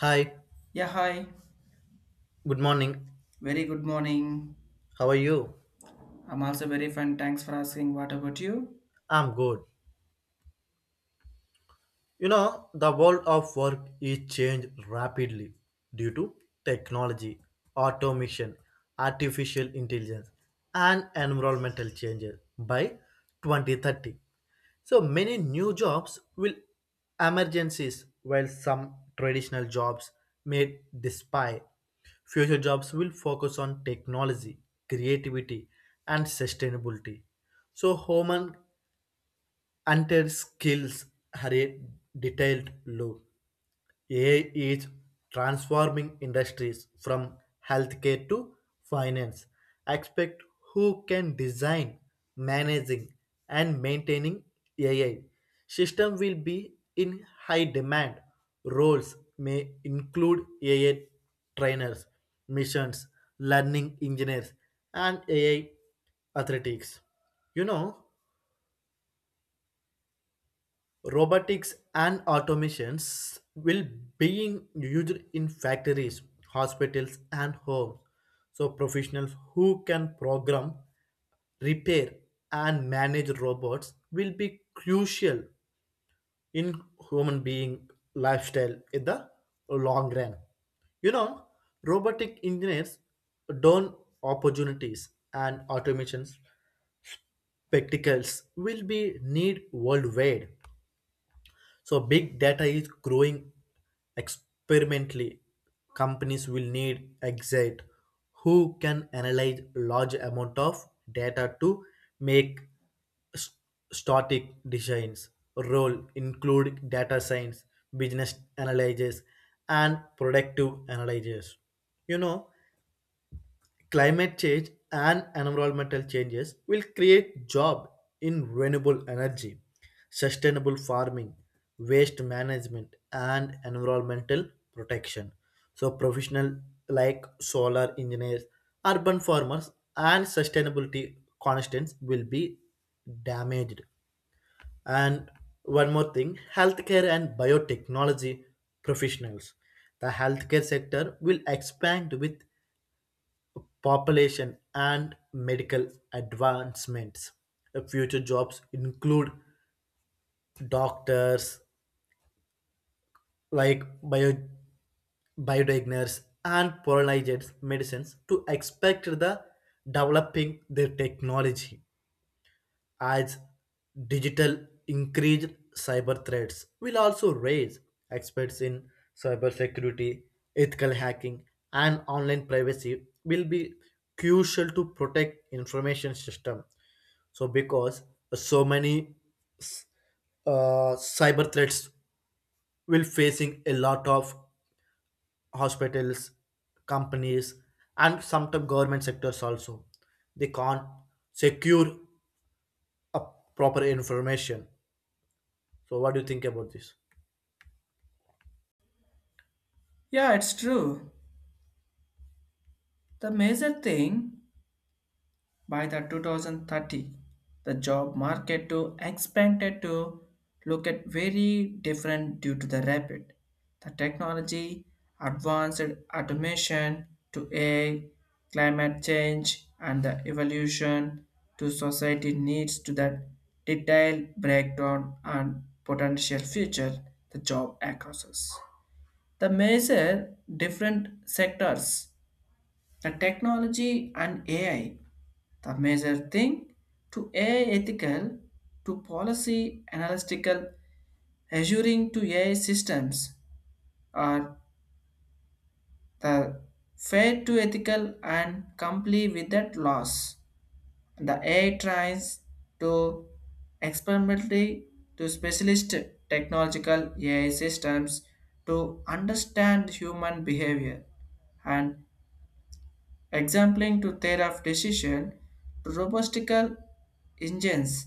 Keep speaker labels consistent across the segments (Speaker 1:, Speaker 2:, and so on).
Speaker 1: Hi,
Speaker 2: Yeah, hi.
Speaker 1: good morning.
Speaker 2: Very good morning.
Speaker 1: How are you?
Speaker 2: I'm also very fine. Thanks for asking. What about you?
Speaker 1: I'm good. You know, the world of work is changed rapidly due to technology, automation, artificial intelligence, and environmental changes by 2030. So many new jobs will emergencies while some traditional jobs may disappear. Future jobs will focus on technology, creativity, and sustainability. So human until skills are a detailed loop. AI is transforming industries from healthcare to finance. Expect who can design, managing, and maintaining AI. System will be in high demand. Roles may include AI trainers, missions, learning engineers, and AI athletics. You know, robotics and automations will being used in factories, hospitals, and homes, so professionals who can program, repair, and manage robots will be crucial in human being lifestyle in the long run. You know, robotic engineers don't opportunities and automations practicals will be need worldwide. So big data is growing experimentally. Companies will need exit who can analyze large amount of data to make st- static designs. Role include data science, business analysis, and productive analysis. You know, climate change and environmental changes will create job in renewable energy, sustainable farming, waste management, and environmental protection. So professionals like solar engineers, urban farmers, and sustainability constants will be damaged. And one more thing, healthcare and biotechnology professionals. The healthcare sector will expand with population, and medical advancements. The future jobs include doctors, like bio, biodiagners and personalized medicines to expect the developing their technology. As digital increased, cyber threats will also raise experts in cybersecurity, ethical hacking, and online privacy will be crucial to protect information system. So because so many s- cyber threats will facing a lot of hospitals, companies, and sometimes government sectors also. They can't secure a proper information. So, what do you think about this?
Speaker 2: Yeah, it's true. The major thing. By the 2030, the job market to expanded to look at very different due to the rapid, the technology, advanced automation to AI, climate change, and the evolution to society needs to that detailed breakdown and potential future the job across the major different sectors, the technology and ai, the major thing to AI ethical to policy analytical assuring to AI systems are the fair to ethical and comply with that laws. The AI tries to experimentally to specialist technological AI systems to understand human behavior and Exempling to thereof decision to robotical engines,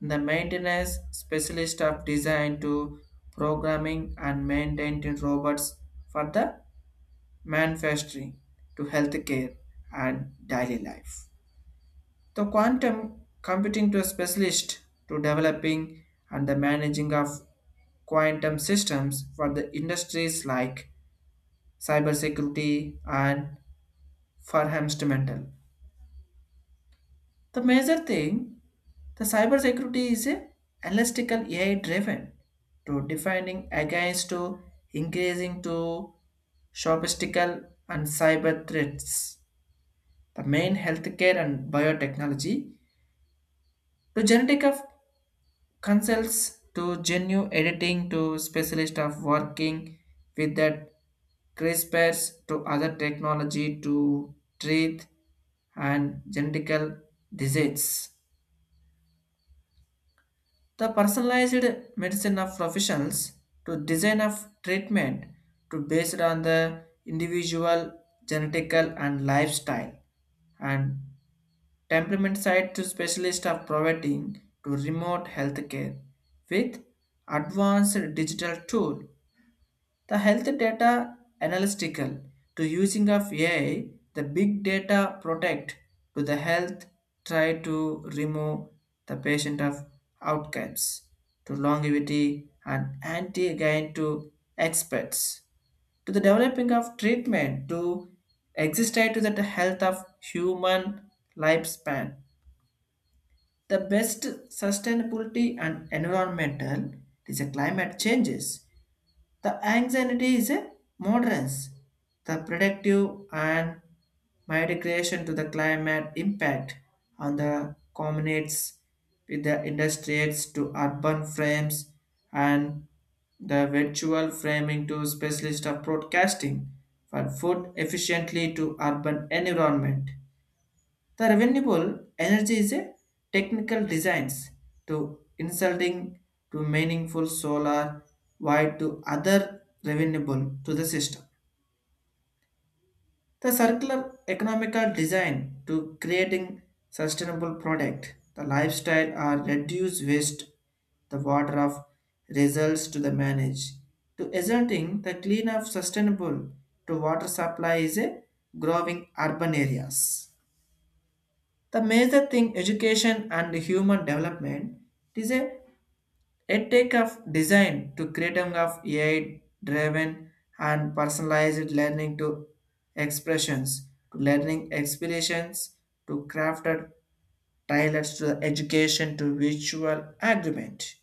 Speaker 2: the maintenance specialist of design to programming and maintaining robots for the manufacturing to healthcare and daily life. The quantum computing to a specialist to developing and the managing of quantum systems for the industries like cybersecurity and for instrumental. The major thing, the cybersecurity is a elastical AI driven to defining against to increasing to sophistical and cyber threats. The main healthcare and biotechnology to genetic of consults to genuine editing to specialist of working with that CRISPRs to other technology to treat and genetical disease. The personalized medicine of professionals to design of treatment to based on the individual genetical and lifestyle and temperament side to specialist of providing to remote healthcare with advanced digital tool, the health data analytical to using of AI, the big data protect to the health try to remove the patient of outcomes to longevity and anti again to experts to the developing of treatment to exist to the health of human lifespan. The best sustainability and environmental is a climate changes, the anxiety is a moderance. The predictive and migration to the climate impact on the communities with the industries to urban frames and the virtual framing to specialist of broadcasting for food efficiently to urban environment. The renewable energy is a technical designs to insulting to meaningful solar wide to other renewable to the system. The circular economical design to creating sustainable product, the lifestyle are reduce waste, the water of results to the manage. To asserting the clean of sustainable to water supply is a growing urban areas. The major thing, education and human development is a edtech of design to creating of AI driven and personalized learning to expressions to learning experiences to crafted tailors to the education to visual agreement.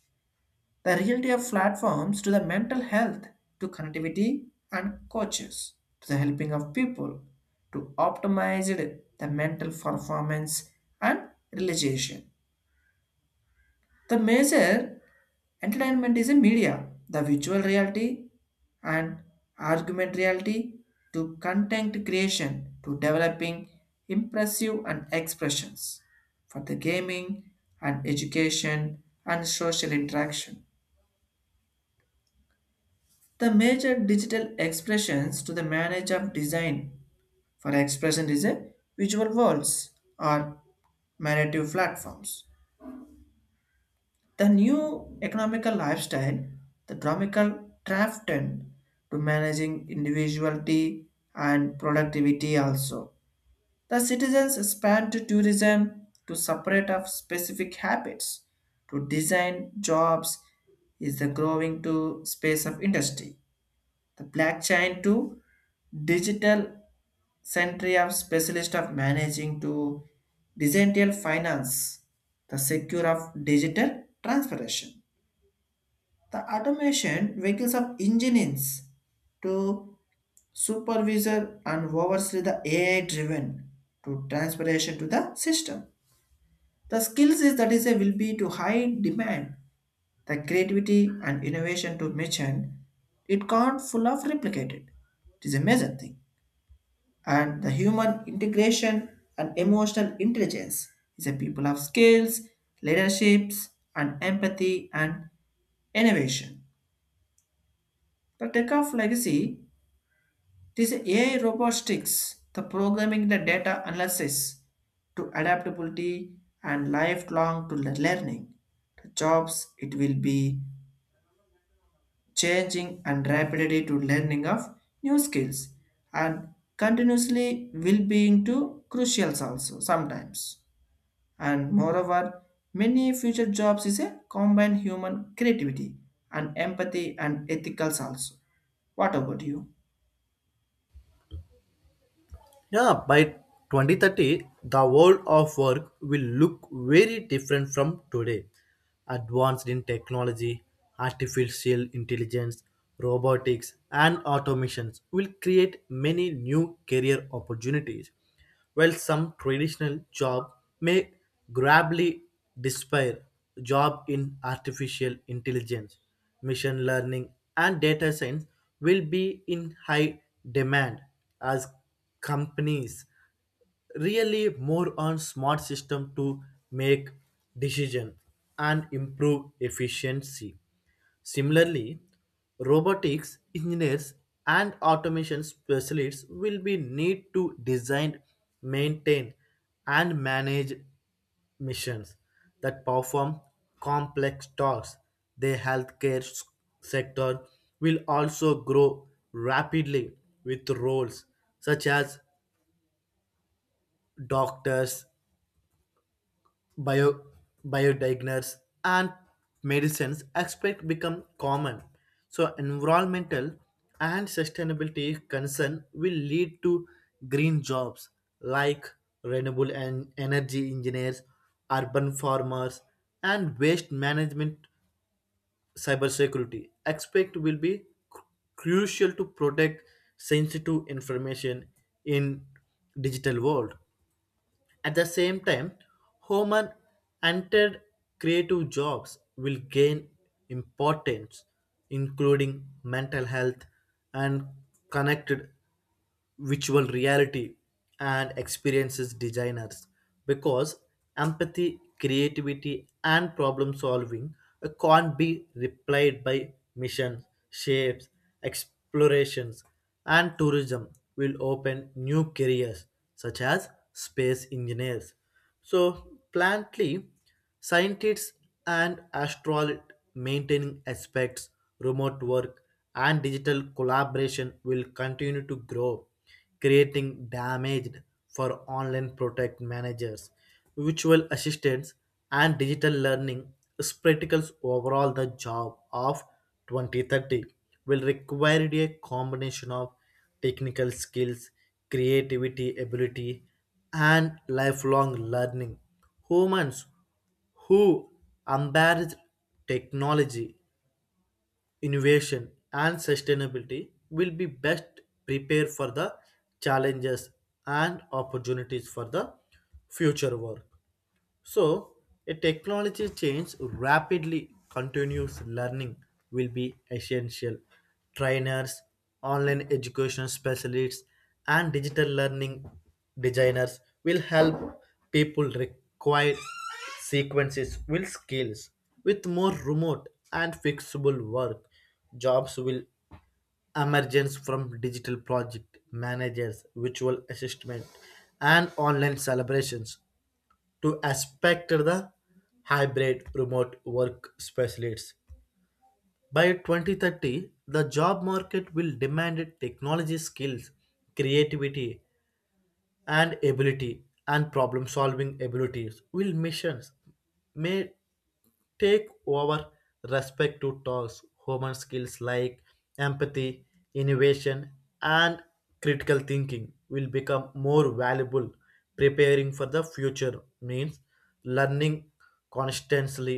Speaker 2: The reality of platforms to the mental health, to connectivity and coaches, to the helping of people, to optimize it, the mental performance and realization. The major entertainment is a media, the virtual reality and argument reality to content creation to developing impressive and expressions for the gaming and education and social interaction. The major digital expressions to the manage of design for expression is a visual walls or narrative platforms. The new economical lifestyle, the dramical drafted to managing individuality and productivity also. The citizens span to tourism to separate of specific habits to design jobs is the growing to space of industry. The blockchain to digital century of specialist of managing to decentralized finance, the secure of digital transformation, the automation vehicles of engineers to supervisor and oversee the AI driven to transformation to the system. The skills is that is a will be to high demand, the creativity and innovation to mention it can't full of replicated. It is a major thing. And the human integration and emotional intelligence is a people of skills, leaderships, and empathy and innovation. The tech of legacy, this AI robotics, the programming the data analysis to adaptability and lifelong to learning. The jobs it will be changing and rapidly to learning of new skills and continuously will be into crucials also sometimes. And moreover, many future jobs is a combine human creativity and empathy and ethicals also. What about you?
Speaker 1: Yeah, by 2030, the world of work will look very different from today. Advanced in technology, artificial intelligence, robotics, and automations will create many new career opportunities. While some traditional jobs may gradually disappear, jobs in artificial intelligence, machine learning, and data science will be in high demand as companies really more on smart system to make decisions and improve efficiency. Similarly, robotics engineers and automation specialists will be need to design, maintain, and manage missions that perform complex tasks. The healthcare sector will also grow rapidly with roles such as doctors, bio, biodigners and medicines expect become common. So environmental and sustainability concern will lead to green jobs like renewable and energy engineers, urban farmers, and waste management. Cybersecurity expect will be cru- crucial to protect sensitive information in digital world. At the same time, human entered creative jobs will gain importance, including mental health and connected virtual reality and experiences designers, because empathy, creativity, and problem solving can't be replied by missions, shapes, explorations and tourism will open new careers such as space engineers. So, plantly, scientists and astronaut maintaining aspects, remote work, and digital collaboration will continue to grow, creating damaged for online protect managers, virtual assistants, and digital learning spectacles. Overall the job of 2030 will require a combination of technical skills, creativity, ability, and lifelong learning. Humans who embrace technology, innovation, and sustainability will be best prepared for the challenges and opportunities for the future work. So, a technology change rapidly, continuous learning will be essential. Trainers, online education specialists, and digital learning designers will help people require sequences with skills. With more remote and fixable work, jobs will emergence from digital project managers, virtual assessment, and online celebrations to aspect the hybrid remote work specialists. By 2030, the job market will demand technology skills, creativity and ability, and problem solving abilities will missions may take over respect to talks. Human skills like empathy, innovation, and critical thinking will become more valuable. Preparing for the future means learning constantly,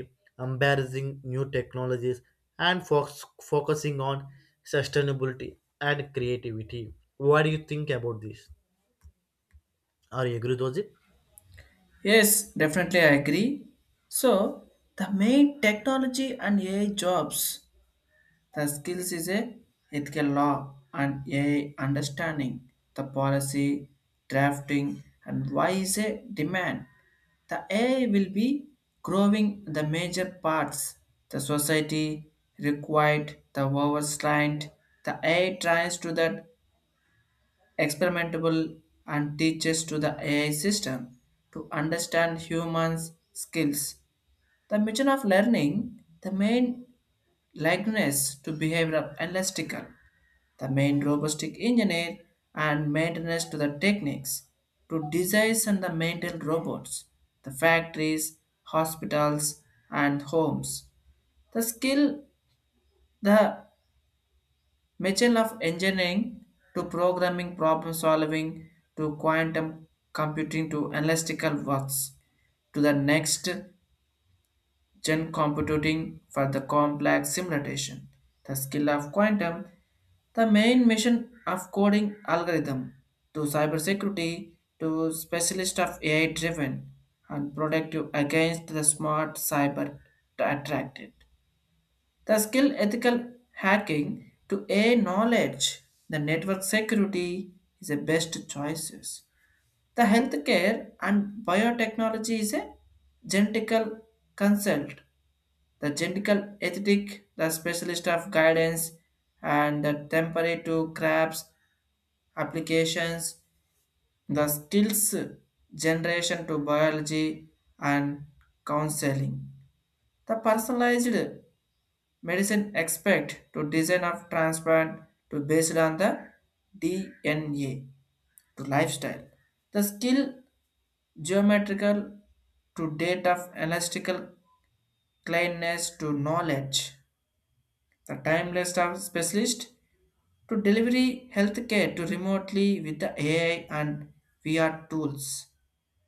Speaker 1: embracing new technologies, and focusing on sustainability and creativity. What do you think about this? Are you agree with it?
Speaker 2: Yes, definitely I agree. So the main technology and ai jobs, the skills is a ethical law and ai understanding, the policy drafting and why is a demand. The AI will be growing the major parts. The society required the overstrained. The AI tries to that experimentable and teaches to the AI system to understand humans' skills. The mission of learning, the main likeness to behavioral elastical, the main robotic engineer and maintenance to the techniques to design and the maintain robots, the factories, hospitals, and homes. The skill, the machine of engineering to programming, problem solving, to quantum computing to analytical works to the next Gen computing for the complex simulation, the skill of quantum, the main mission of coding algorithm to cybersecurity to specialist of AI driven and productive against the smart cyber attracted. The skill ethical hacking to AI knowledge, the network security is the best choices. The healthcare and biotechnology is a genetical consult, the genetical ethic, the specialist of guidance, and the temporary to crabs applications, the skills generation to biology and counseling. The personalized medicine expect to design of transplant to based on the DNA to lifestyle. The skill geometrical to date of elastical cleanness to knowledge. The timeless of specialist to delivery healthcare to remotely with the AI and VR tools.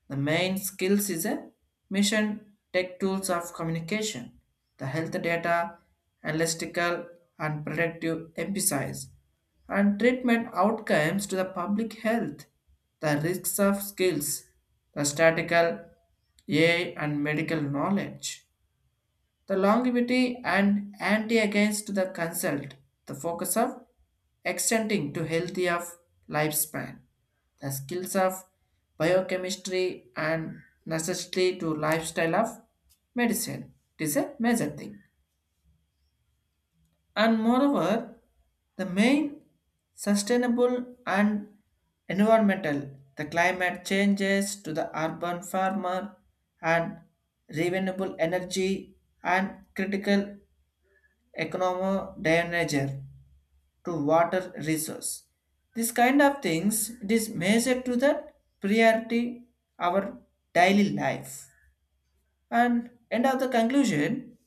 Speaker 2: The main skills is a mission tech tools of communication, the health data, analytical and predictive emphasis, and treatment outcomes to the public health, the risks of skills, the statistical AI and medical knowledge, the longevity and anti against the consult, the focus of extending to healthy of lifespan, the skills of biochemistry and necessity to lifestyle of medicine. It is a major thing. And moreover, the main sustainable and environmental, the climate changes to the urban farmer and renewable energy and critical economic danger to water resource. This kind of things it is measured to the priority our daily life. And end of the conclusion,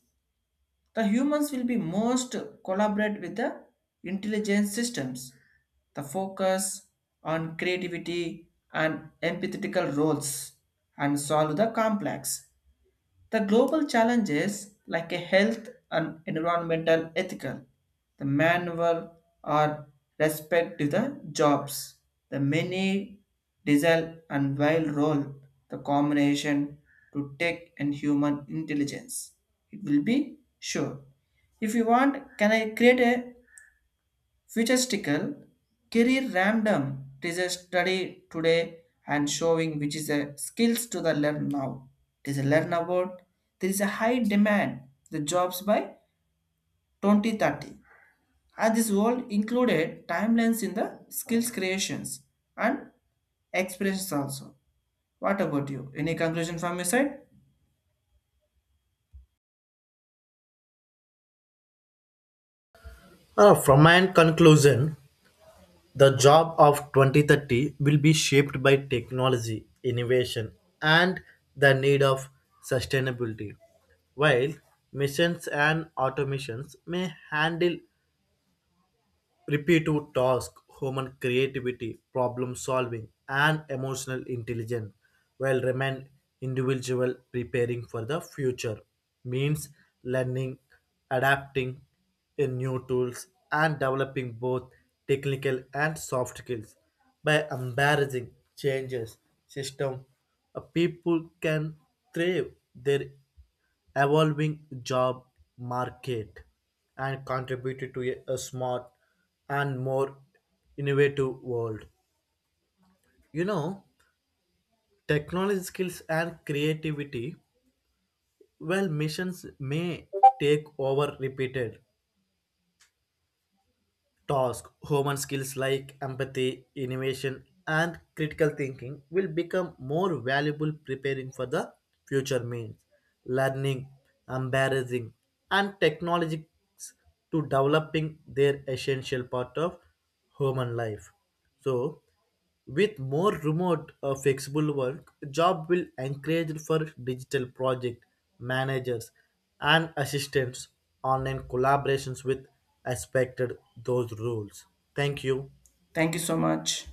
Speaker 2: the humans will be most collaborate with the intelligent systems. The focus on creativity and empathetical roles and solve the complex the global challenges like a health and environmental ethical, the manual or respect to the jobs, the many diesel and wild role, the combination to tech and human intelligence. It will be sure. If you want, can I create a Futuristical career random, it is a study today and showing which is a skills to the learn now. It is a learn about there is a high demand the jobs by 2030. And this all included timelines in the skills creations and expressions also. What about you? Any conclusion from your side?
Speaker 1: From my conclusion, the job of 2030 will be shaped by technology, innovation, and the need of sustainability. While machines and automations may handle repetitive tasks, human creativity, problem solving and emotional intelligence will remain individual. Preparing for the future means learning, adapting in new tools and developing both technical and soft skills. By embracing changes system, a people can thrive their evolving job market and contributed to a smart and more innovative world. You know, technology skills and creativity. Well, missions may take over repeated task, human skills like empathy, innovation, and critical thinking will become more valuable. Preparing for the future means learning, embarrassing, and technologies to developing their essential part of human life. So, with more remote flexible work, job will encourage for digital project managers and assistants, online collaborations with expected those rules. Thank you.
Speaker 2: Thank you so much.